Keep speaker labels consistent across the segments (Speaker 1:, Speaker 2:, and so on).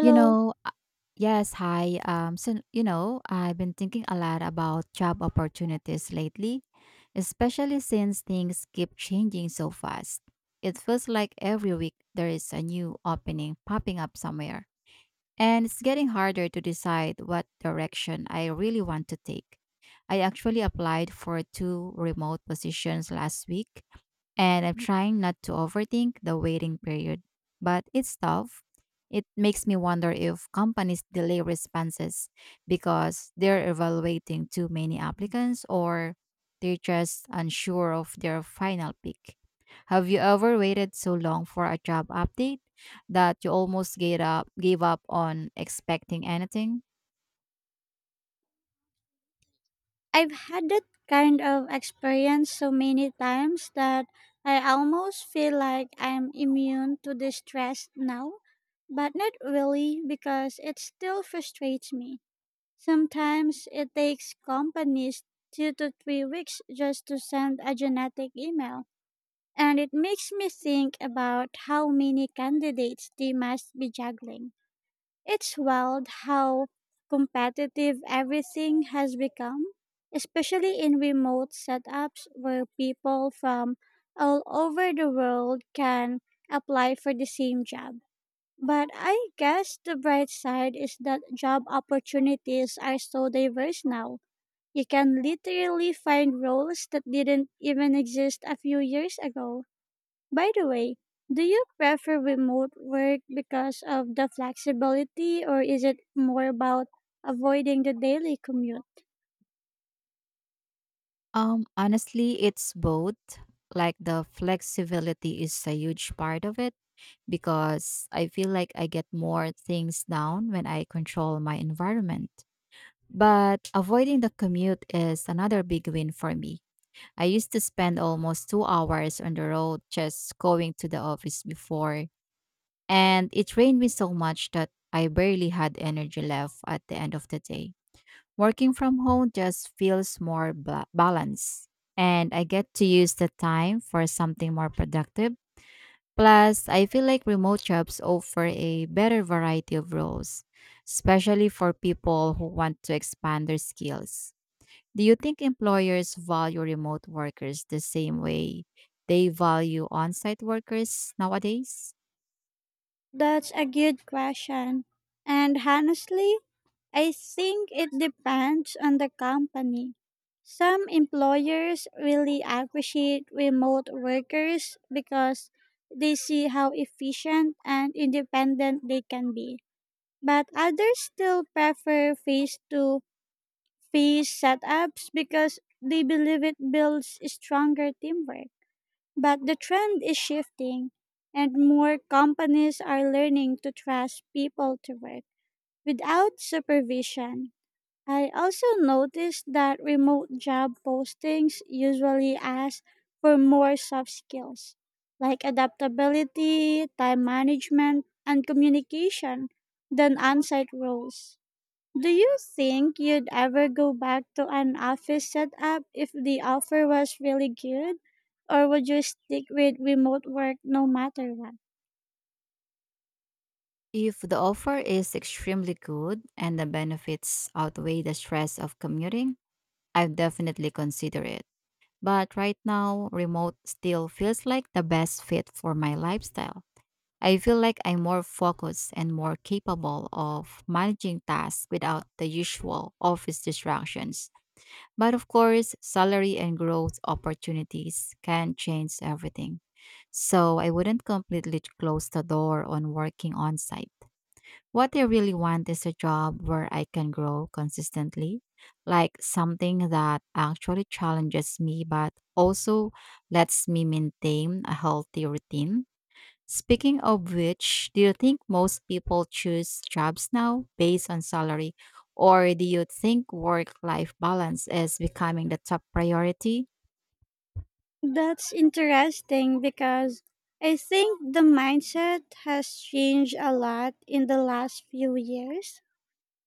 Speaker 1: You know, uh, yes, hi. I've been thinking a lot about job opportunities lately, especially since things keep changing so fast. It feels like every week there is a new opening popping up somewhere, and it's getting harder to decide what direction I really want to take. I actually applied for two remote positions last week and I'm trying not to overthink the waiting period. But it's tough. It makes me wonder if companies delay responses because they're evaluating too many applicants or they're just unsure of their final pick. Have you ever waited so long for a job update that you almost gave up on expecting anything?
Speaker 2: I've had that kind of experience so many times that I almost feel like I'm immune to the stress now, but not really because it still frustrates me. Sometimes it takes companies 2 to 3 weeks just to send a genetic email, and it makes me think about how many candidates they must be juggling. It's wild how competitive everything has become, especially in remote setups where people from all over the world can apply for the same job. But I guess the bright side is that job opportunities are so diverse now. You can literally find roles that didn't even exist a few years ago. By the way, do you prefer remote work because of the flexibility, or is it more about avoiding the daily commute?
Speaker 1: Honestly, it's both. Like, the flexibility is a huge part of it because I feel like I get more things down when I control my environment. But avoiding the commute is another big win for me. I used to spend almost 2 hours on the road just going to the office before, and it drained me so much that I barely had energy left at the end of the day. Working from home just feels more balanced, and I get to use the time for something more productive. Plus, I feel like remote jobs offer a better variety of roles, especially for people who want to expand their skills. Do you think employers value remote workers the same way they value on site workers nowadays?
Speaker 2: That's a good question. And honestly, I think it depends on the company. Some employers really appreciate remote workers because they see how efficient and independent they can be. But others still prefer face to fee setups because they believe it builds stronger teamwork. But the trend is shifting, and more companies are learning to trust people to work without supervision. I also noticed that remote job postings usually ask for more soft skills like adaptability, time management, and communication than on site roles. Do you think you'd ever go back to an office setup if the offer was really good? Or would you stick with remote work no matter what?
Speaker 1: If the offer is extremely good and the benefits outweigh the stress of commuting, I've definitely consider it. But right now, remote still feels like the best fit for my lifestyle. I feel like I'm more focused and more capable of managing tasks without the usual office distractions. But of course, salary and growth opportunities can change everything. So I wouldn't completely close the door on working on site. What I really want is a job where I can grow consistently, like something that actually challenges me but also lets me maintain a healthy routine. Speaking of which, do you think most people choose jobs now based on salary? Or do you think work life balance is becoming the top priority?
Speaker 2: That's interesting because I think the mindset has changed a lot in the last few years.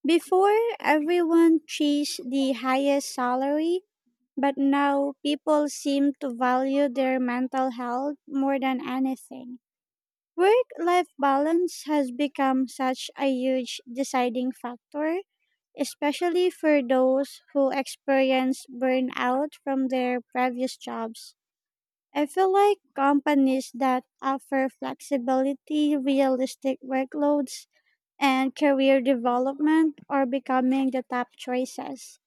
Speaker 2: Before, everyone chased the highest salary, but now people seem to value their mental health more than anything. Work life balance has become such a huge deciding factor, especially for those who experience burnout from their previous jobs. I feel like companies that offer flexibility, realistic workloads, and career development are becoming the top choices.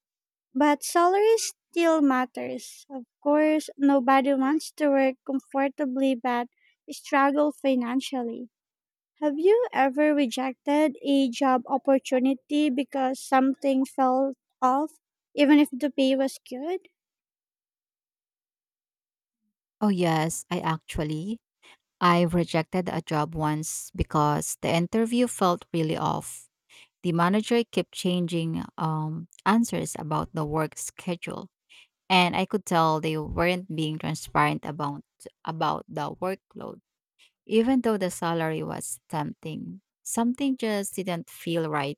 Speaker 2: But salary still matters. Of course, nobody wants to work comfortably but struggle financially. Have you ever rejected a job opportunity because something felt off, even if the pay was good?
Speaker 1: Oh, yes, I actually. I've rejected a job once because the interview felt really off. The manager kept changing answers about the work schedule, and I could tell they weren't being transparent about the workload. Even though the salary was tempting, something just didn't feel right.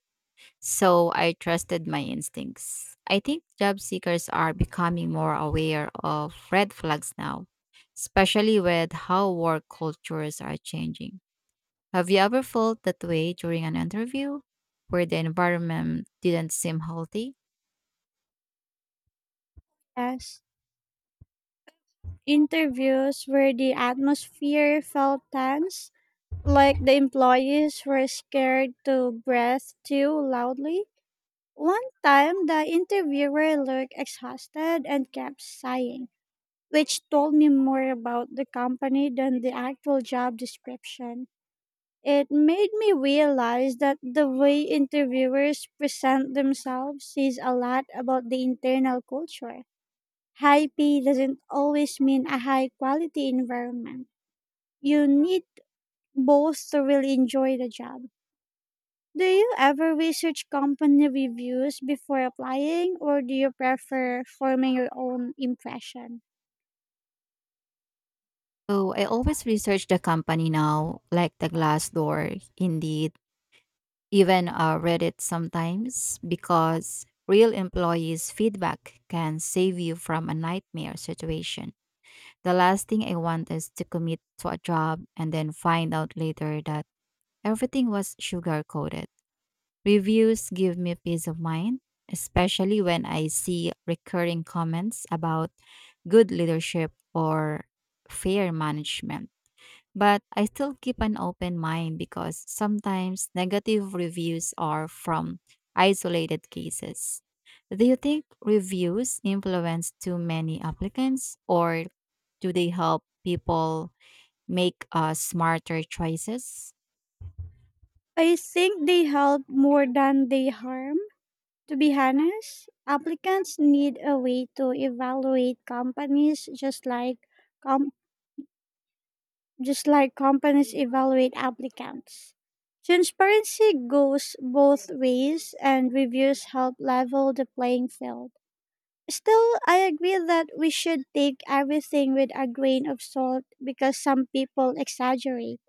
Speaker 1: So I trusted my instincts. I think job seekers are becoming more aware of red flags now, especially with how work cultures are changing. Have you ever felt that way during an interview where the environment didn't seem healthy?
Speaker 2: As interviews where the atmosphere felt tense, like the employees were scared to breathe too loudly. One time, the interviewer looked exhausted and kept sighing, which told me more about the company than the actual job description. It made me realize that the way interviewers present themselves says a lot about the internal culture. High pay doesn't always mean a high quality environment. You need both to really enjoy the job. Do you ever research company reviews before applying, or do you prefer forming your own impression?
Speaker 1: So I always research the company now, like the Glassdoor, Indeed, even Reddit sometimes, because real employees' feedback can save you from a nightmare situation. The last thing I want is to commit to a job and then find out later that everything was sugar coated. Reviews give me peace of mind, especially when I see recurring comments about good leadership or fair management. But I still keep an open mind because sometimes negative reviews are from isolated cases. Do you think reviews influence too many applicants or do they help people make smarter choices?
Speaker 2: I think they help more than they harm. To be honest, applicants need a way to evaluate companies just like com- just like companies evaluate applicants. Transparency goes both ways, and reviews help level the playing field. Still, I agree that we should take everything with a grain of salt because some people exaggerate.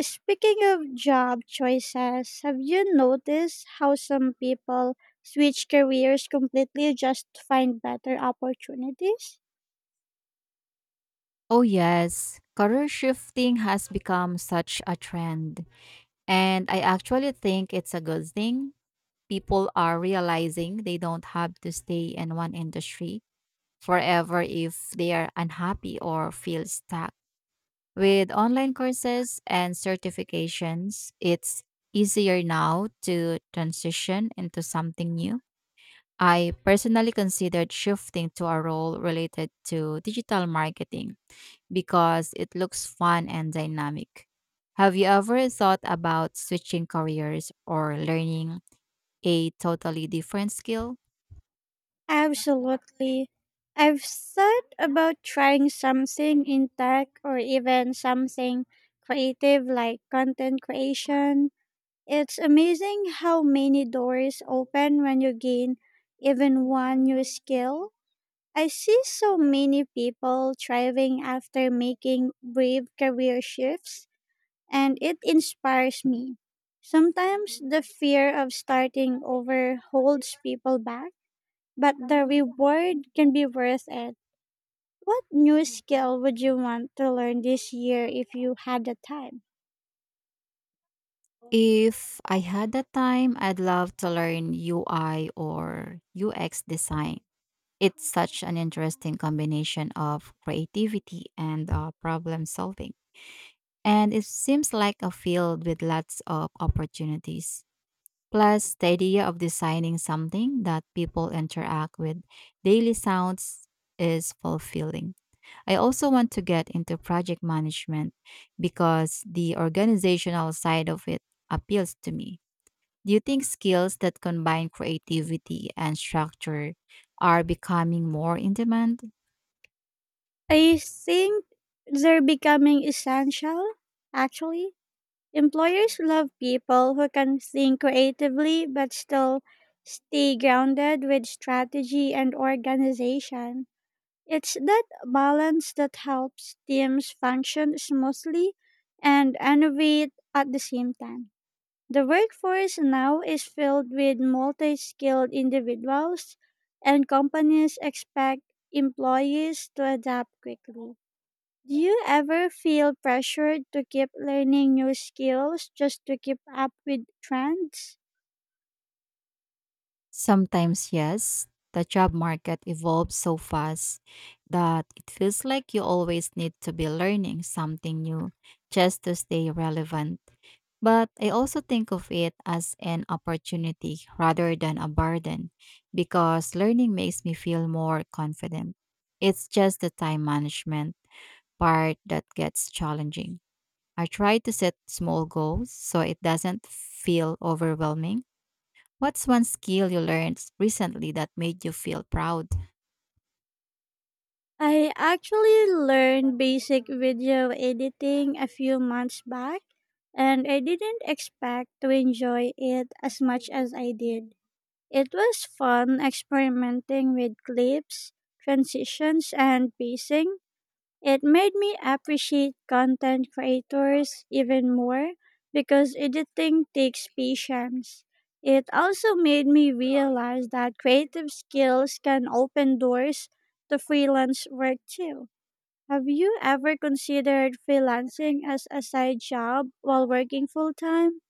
Speaker 2: Speaking of job choices, have you noticed how some people switch careers completely just to find better opportunities?
Speaker 1: Oh, yes. Career shifting has become such a trend. And I actually think it's a good thing. People are realizing they don't have to stay in one industry forever if they are unhappy or feel stuck. With online courses and certifications, it's easier now to transition into something new. I personally considered shifting to a role related to digital marketing because it looks fun and dynamic. Have you ever thought about switching careers or learning a totally different skill?
Speaker 2: Absolutely. I've thought about trying something in tech, or even something creative like content creation. It's amazing how many doors open when you gain even one new skill. I see so many people thriving after making brave career shifts, and it inspires me. Sometimes the fear of starting over holds people back, but the reward can be worth it. What new skill would you want to learn this year if you had the time?
Speaker 1: If I had the time, I'd love to learn UI or UX design. It's such an interesting combination of creativity and problem solving, and it seems like a field with lots of opportunities. Plus, the idea of designing something that people interact with daily sounds is fulfilling. I also want to get into project management because the organizational side of it appeals to me. Do you think skills that combine creativity and structure are becoming more in demand?
Speaker 2: I think they're becoming essential, actually. Employers love people who can think creatively but still stay grounded with strategy and organization. It's that balance that helps teams function smoothly and innovate at the same time. The workforce now is filled with multi skilled individuals, and companies expect employees to adapt quickly. Do you ever feel pressured to keep learning new skills just to keep up with trends?
Speaker 1: Sometimes, yes. The job market evolves so fast that it feels like you always need to be learning something new just to stay relevant. But I also think of it as an opportunity rather than a burden because learning makes me feel more confident. It's just the time management part that gets challenging. I try to set small goals so it doesn't feel overwhelming. What's one skill you learned recently that made you feel proud?
Speaker 2: I actually learned basic video editing a few months back, and I didn't expect to enjoy it as much as I did. It was fun experimenting with clips, transitions, and pacing. It made me appreciate content creators even more because editing takes patience. It also made me realize that creative skills can open doors to freelance work too. Have you ever considered freelancing as a side job while working full time?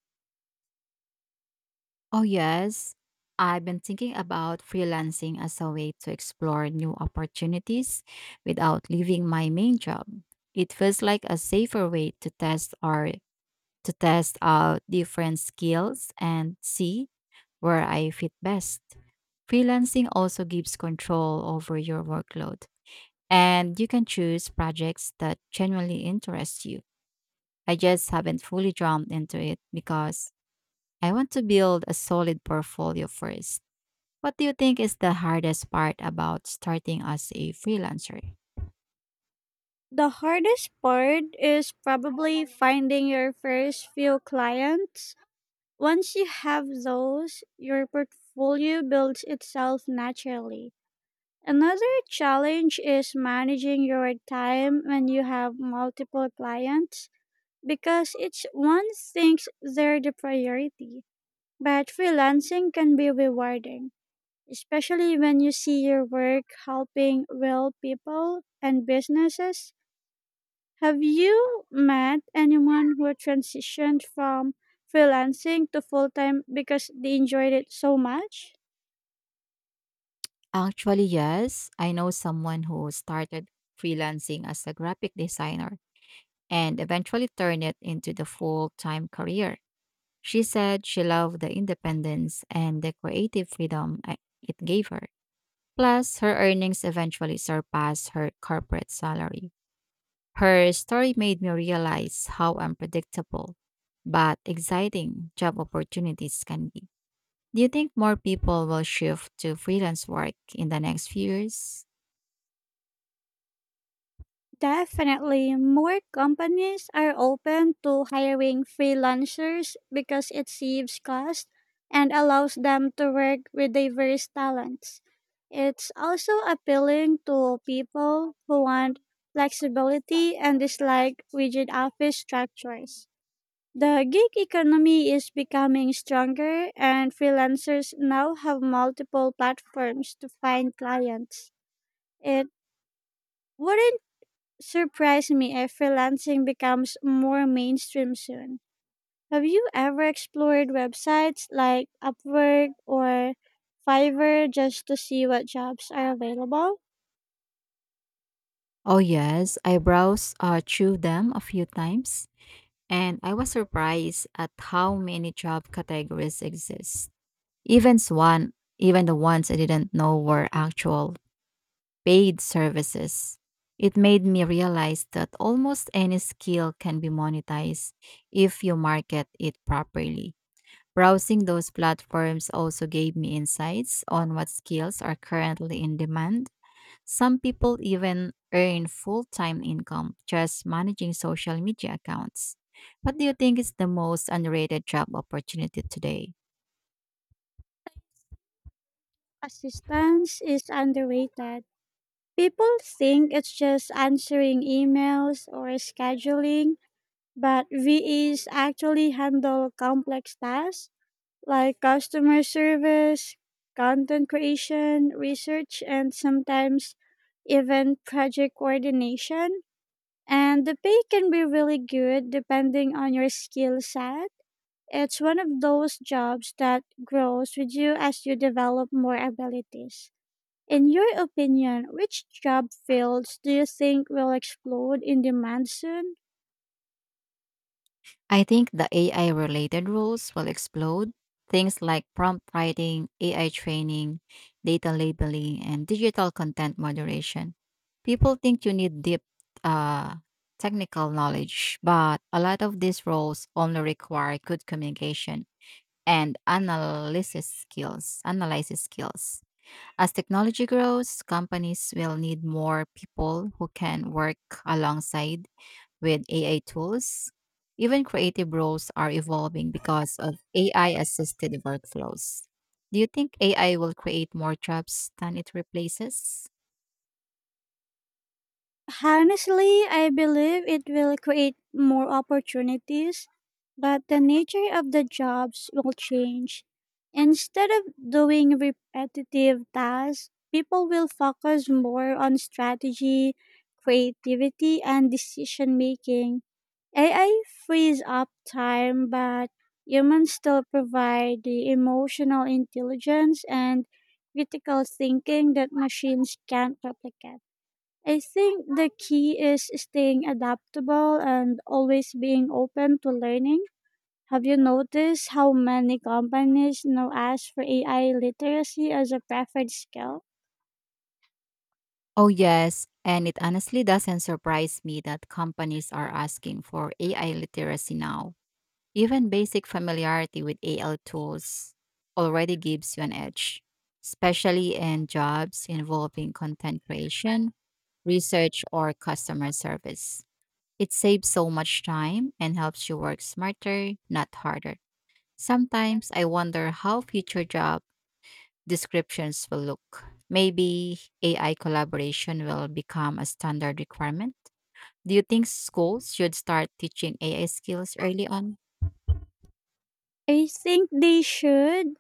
Speaker 1: Oh, yes. I've been thinking about freelancing as a way to explore new opportunities without leaving my main job. It feels like a safer way to test out different skills and see where I fit best. Freelancing also gives control over your workload, and you can choose projects that genuinely interest you. I just haven't fully jumped into it because I want to build a solid portfolio first. What do you think is the hardest part about starting as a freelancer?
Speaker 2: The hardest part is probably finding your first few clients. Once you have those, your portfolio builds itself naturally. Another challenge is managing your time when you have multiple clients because each one thinks they're the priority. But freelancing can be rewarding, especially when you see your work helping real people and businesses. Have you met anyone who transitioned from freelancing to full time because they enjoyed it so much?
Speaker 1: Actually, yes. I know someone who started freelancing as a graphic designer and eventually turned it into the full time career. She said she loved the independence and the creative freedom it gave her. Plus, her earnings eventually surpassed her corporate salary. Her story made me realize how unpredictable but exciting job opportunities can be. Do you think more people will shift to freelance work in the next few years?
Speaker 2: Definitely, more companies are open to hiring freelancers because it saves cost and allows them to work with diverse talents. It's also appealing to people who want flexibility and dislike rigid office structures. The gig economy is becoming stronger, and freelancers now have multiple platforms to find clients. It wouldn't surprise me if freelancing becomes more mainstream soon. Have you ever explored websites like Upwork or Fiverr just to see what jobs are available?
Speaker 1: Oh, yes, I browsed through them a few times and I was surprised at how many job categories exist. Even s- one, even the ones I didn't know were actual paid services. It made me realize that almost any skill can be monetized if you market it properly. Browsing those platforms also gave me insights on what skills are currently in demand. Some people even earn full time income just managing social media accounts. What do you think is the most underrated job opportunity today?
Speaker 2: Assistance is underrated. People think it's just answering emails or scheduling, but VEs actually handle complex tasks like customer service, content creation, research, and sometimes even project coordination. And the pay can be really good depending on your skill set. It's one of those jobs that grows with you as you develop more abilities. In your opinion, which job fields do you think will explode in demand soon?
Speaker 1: I think the AI related rules will explode. Things like prompt writing, AI training, data labeling, and digital content moderation. People think you need deep uh, technical knowledge, but a lot of these roles only require good communication and analysis skills. As technology grows, companies will need more people who can work alongside with AI tools. Even creative roles are evolving because of AI assisted workflows. Do you think AI will create more jobs than it replaces?
Speaker 2: Honestly, I believe it will create more opportunities, but the nature of the jobs will change. Instead of doing repetitive tasks, people will focus more on strategy, creativity, and decision making. AI frees up time, but humans still provide the emotional intelligence and critical thinking that machines can't replicate. I think the key is staying adaptable and always being open to learning. Have you noticed how many companies now ask for AI literacy as a preferred skill?
Speaker 1: Oh, yes. And it honestly doesn't surprise me that companies are asking for AI literacy now. Even basic familiarity with AI tools already gives you an edge, especially in jobs involving content creation, research, or customer service. It saves so much time and helps you work smarter, not harder. Sometimes I wonder how future job descriptions will look. Maybe AI collaboration will become a standard requirement. Do you think schools should start teaching AI skills early on?
Speaker 2: I think they should,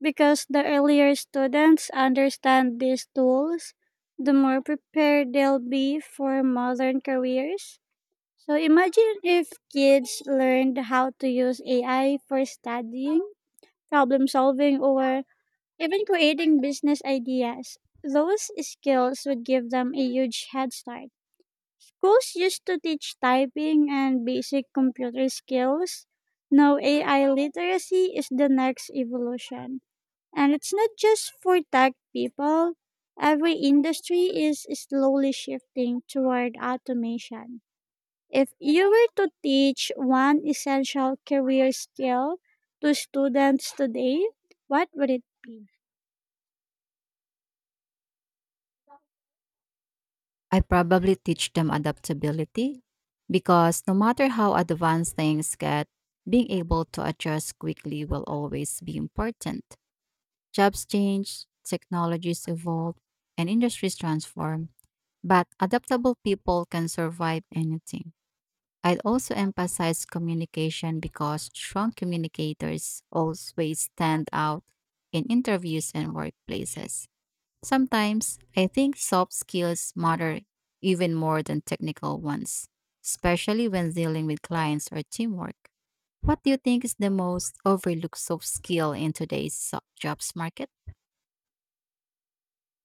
Speaker 2: because the earlier students understand these tools, the more prepared they'll be for modern careers. So imagine if kids learned how to use AI for studying, problem solving, or even creating business ideas. Those skills would give them a huge head start. Schools used to teach typing and basic computer skills. Now, AI literacy is the next evolution. And it's not just for tech people, every industry is slowly shifting toward automation. If you were to teach one essential career skill to students today, what would it be?
Speaker 1: I probably teach them adaptability because no matter how advanced things get, being able to adjust quickly will always be important. Jobs change, technologies evolve, and industries transform, but adaptable people can survive anything. I'd also emphasize communication because strong communicators always stand out in interviews and workplaces. Sometimes I think soft skills matter even more than technical ones, especially when dealing with clients or teamwork. What do you think is the most overlooked soft skill in today's jobs market?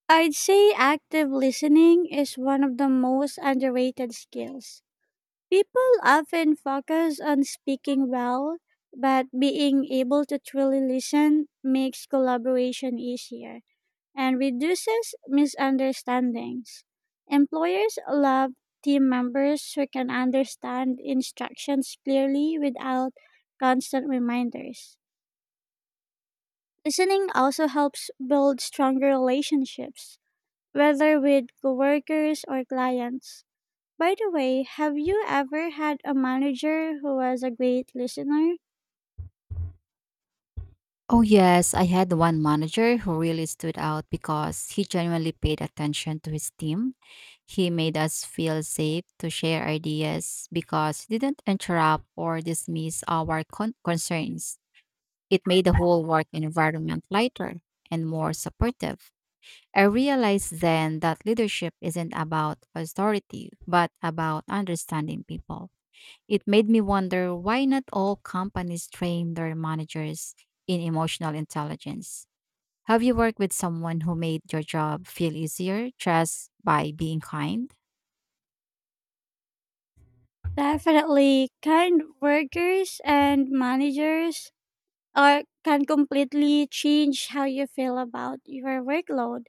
Speaker 2: I'd say active listening is one of the most underrated skills. People often focus on speaking well, but being able to truly listen makes collaboration easier and reduces misunderstandings. Employers love team members who can understand instructions clearly without constant reminders. Listening also helps build stronger relationships whether with coworkers or clients. By the way, have you ever had a manager who was a great listener?
Speaker 1: Oh, yes. I had one manager who really stood out because he genuinely paid attention to his team. He made us feel safe to share ideas because he didn't interrupt or dismiss our concerns. It made the whole work environment lighter and more supportive. I realized then that leadership isn't about authority, but about understanding people. It made me wonder why not all companies train their managers in emotional intelligence. Have you worked with someone who made your job feel easier just by being kind?
Speaker 2: Definitely, kind workers and managers are can completely change how you feel about your workload.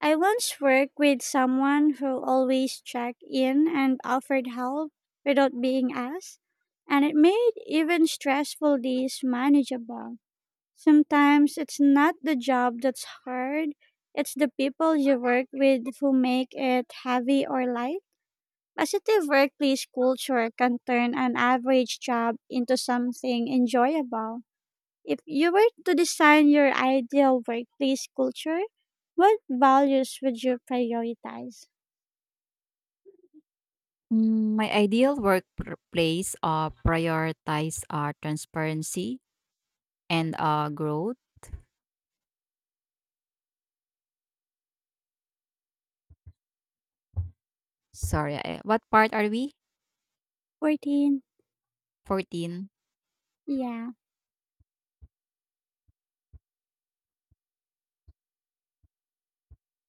Speaker 2: I once worked with someone who always checked in and offered help without being asked, and it made even stressful days manageable. Sometimes it's not the job that's hard, it's the people you work with who make it heavy or light. Positive workplace culture can turn an average job into something enjoyable. If you were to design your ideal workplace culture, what values would you prioritize?
Speaker 1: My ideal workplace prioritize transparency and growth. Sorry, what part are we?
Speaker 2: 14.
Speaker 1: 14.
Speaker 2: Yeah.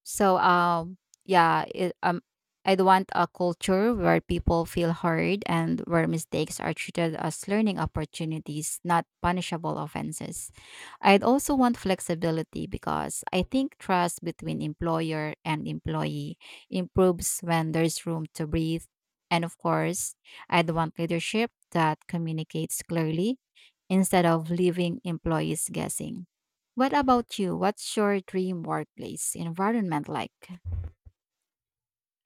Speaker 1: So, yeah, I'd want a culture where people feel heard and where mistakes are treated as learning opportunities, not punishable offenses. I'd also want flexibility because I think trust between employer and employee improves when there's room to breathe. And of course, I'd want leadership that communicates clearly instead of leaving employees guessing. What about you? What's your dream workplace environment like?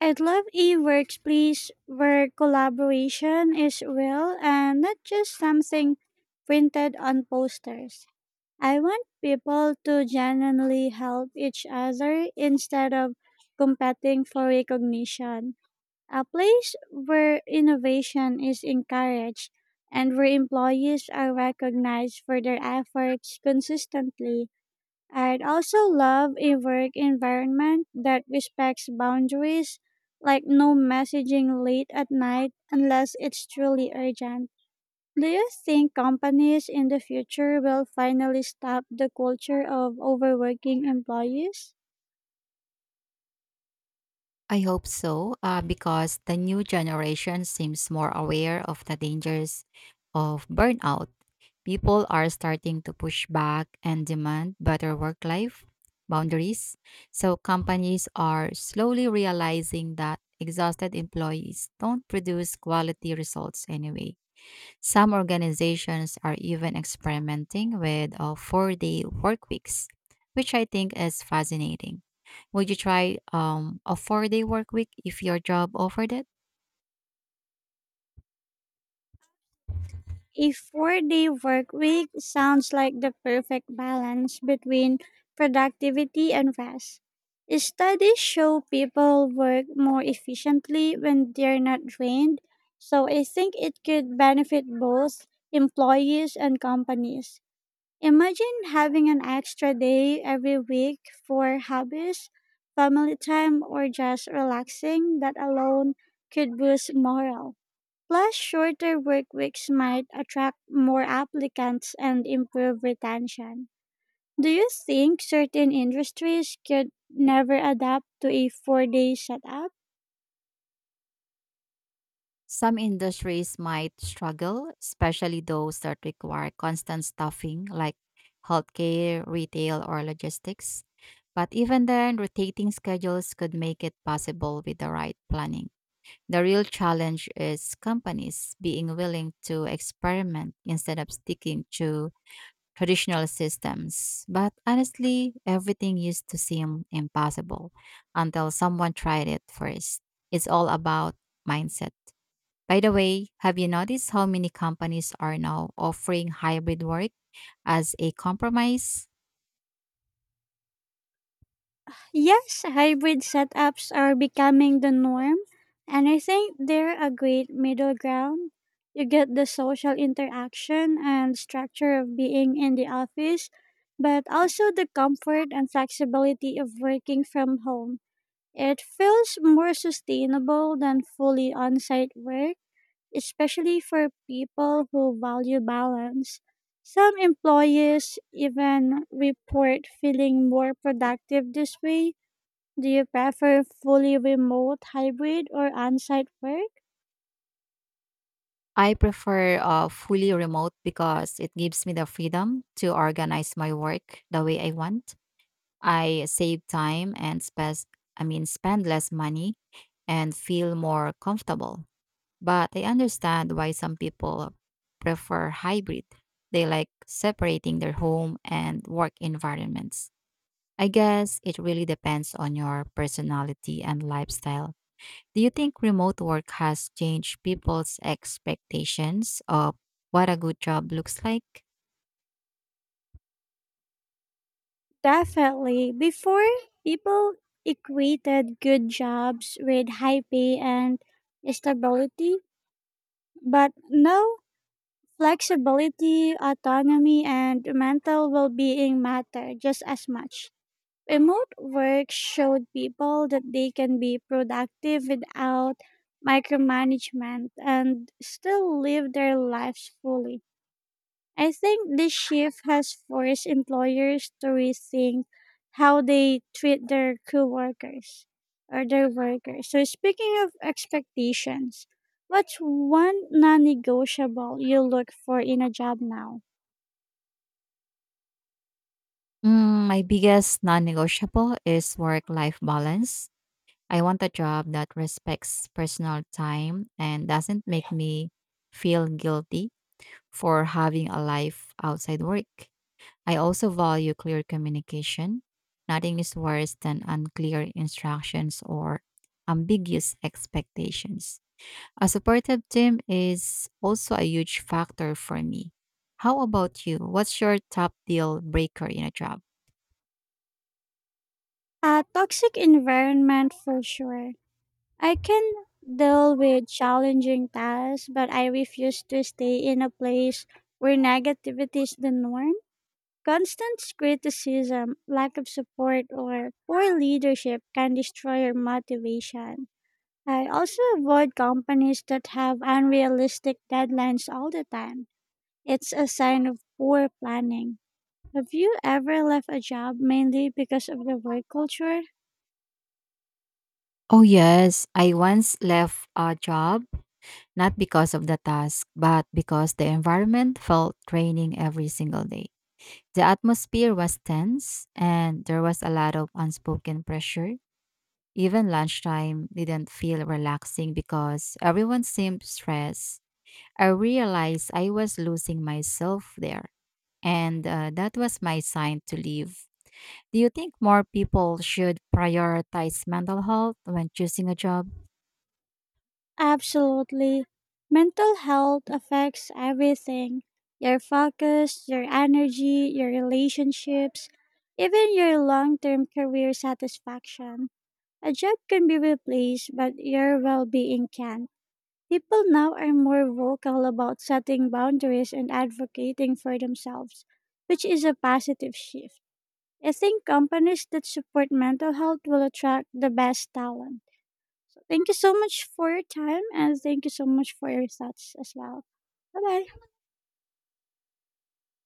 Speaker 2: I'd love a workplace where collaboration is real and not just something printed on posters. I want people to genuinely help each other instead of competing for recognition. A place where innovation is encouraged and where employees are recognized for their efforts consistently. I'd also love a work environment that respects boundaries, like no messaging late at night unless it's truly urgent. Do you think companies in the future will finally stop the culture of overworking employees?
Speaker 1: I hope so, because the new generation seems more aware of the dangers of burnout. People are starting to push back and demand better work life boundaries. So, companies are slowly realizing that exhausted employees don't produce quality results anyway. Some organizations are even experimenting with 4-day work weeks, which I think is fascinating. Would you try a 4-day work week if your job offered it?
Speaker 2: A 4-day work week sounds like the perfect balance between productivity and rest. Studies show people work more efficiently when they're not drained, so I think it could benefit both employees and companies. Imagine having an extra day every week for hobbies, family time, or just relaxing. That alone could boost morale. Plus, shorter work weeks might attract more applicants and improve retention. Do you think certain industries could never adapt to a 4-day setup?
Speaker 1: Some industries might struggle, especially those that require constant staffing, like healthcare, retail, or logistics. But even then, rotating schedules could make it possible with the right planning. The real challenge is companies being willing to experiment instead of sticking to traditional systems. But honestly, everything used to seem impossible until someone tried it first. It's all about mindset. By the way, have you noticed how many companies are now offering hybrid work as a compromise?
Speaker 2: Yes, hybrid setups are becoming the norm, and I think they're a great middle ground. You get the social interaction and structure of being in the office, but also the comfort and flexibility of working from home. It feels more sustainable than fully on site work, especially for people who value balance. Some employees even report feeling more productive this way. Do you prefer fully remote, hybrid, or on site work?
Speaker 1: I prefer fully remote because it gives me the freedom to organize my work the way I want. I save time and spend I mean spend less money and feel more comfortable. But I understand why some people prefer hybrid. They like separating their home and work environments. I guess it really depends on your personality and lifestyle. Do you think remote work has changed people's expectations of what a good job looks like?
Speaker 2: Definitely. Before, people equated good jobs with high pay and stability, but now flexibility, autonomy, and mental well being matter just as much. Remote work showed people that they can be productive without micromanagement and still live their lives fully. I think this shift has forced employers to rethink how they treat their co-workers or their workers. So speaking of expectations, what's one non-negotiable you look for in a job now?
Speaker 1: My biggest non negotiable is work life balance. I want a job that respects personal time and doesn't make me feel guilty for having a life outside work. I also value clear communication. Nothing is worse than unclear instructions or ambiguous expectations. A supportive team is also a huge factor for me. How about you? What's your top deal breaker in a job?
Speaker 2: A toxic environment, for sure. I can deal with challenging tasks, but I refuse to stay in a place where negativity is the norm. Constant criticism, lack of support, or poor leadership can destroy your motivation. I also avoid companies that have unrealistic deadlines all the time. It's a sign of poor planning. Have you ever left a job mainly because of the work culture?
Speaker 1: Oh, yes. I once left a job not because of the task, but because the environment felt draining every single day. The atmosphere was tense and there was a lot of unspoken pressure. Even lunchtime didn't feel relaxing because everyone seemed stressed. I realized I was losing myself there, and that was my sign to leave. Do you think more people should prioritize mental health when choosing a job?
Speaker 2: Absolutely. Mental health affects everything: your focus, your energy, your relationships, even your long term career satisfaction. A job can be replaced, but your well being can't. People now are more vocal about setting boundaries and advocating for themselves, which is a positive shift. I think companies that support mental health will attract the best talent. Thank you so much for your time, and thank you so much for your thoughts as well. Bye bye.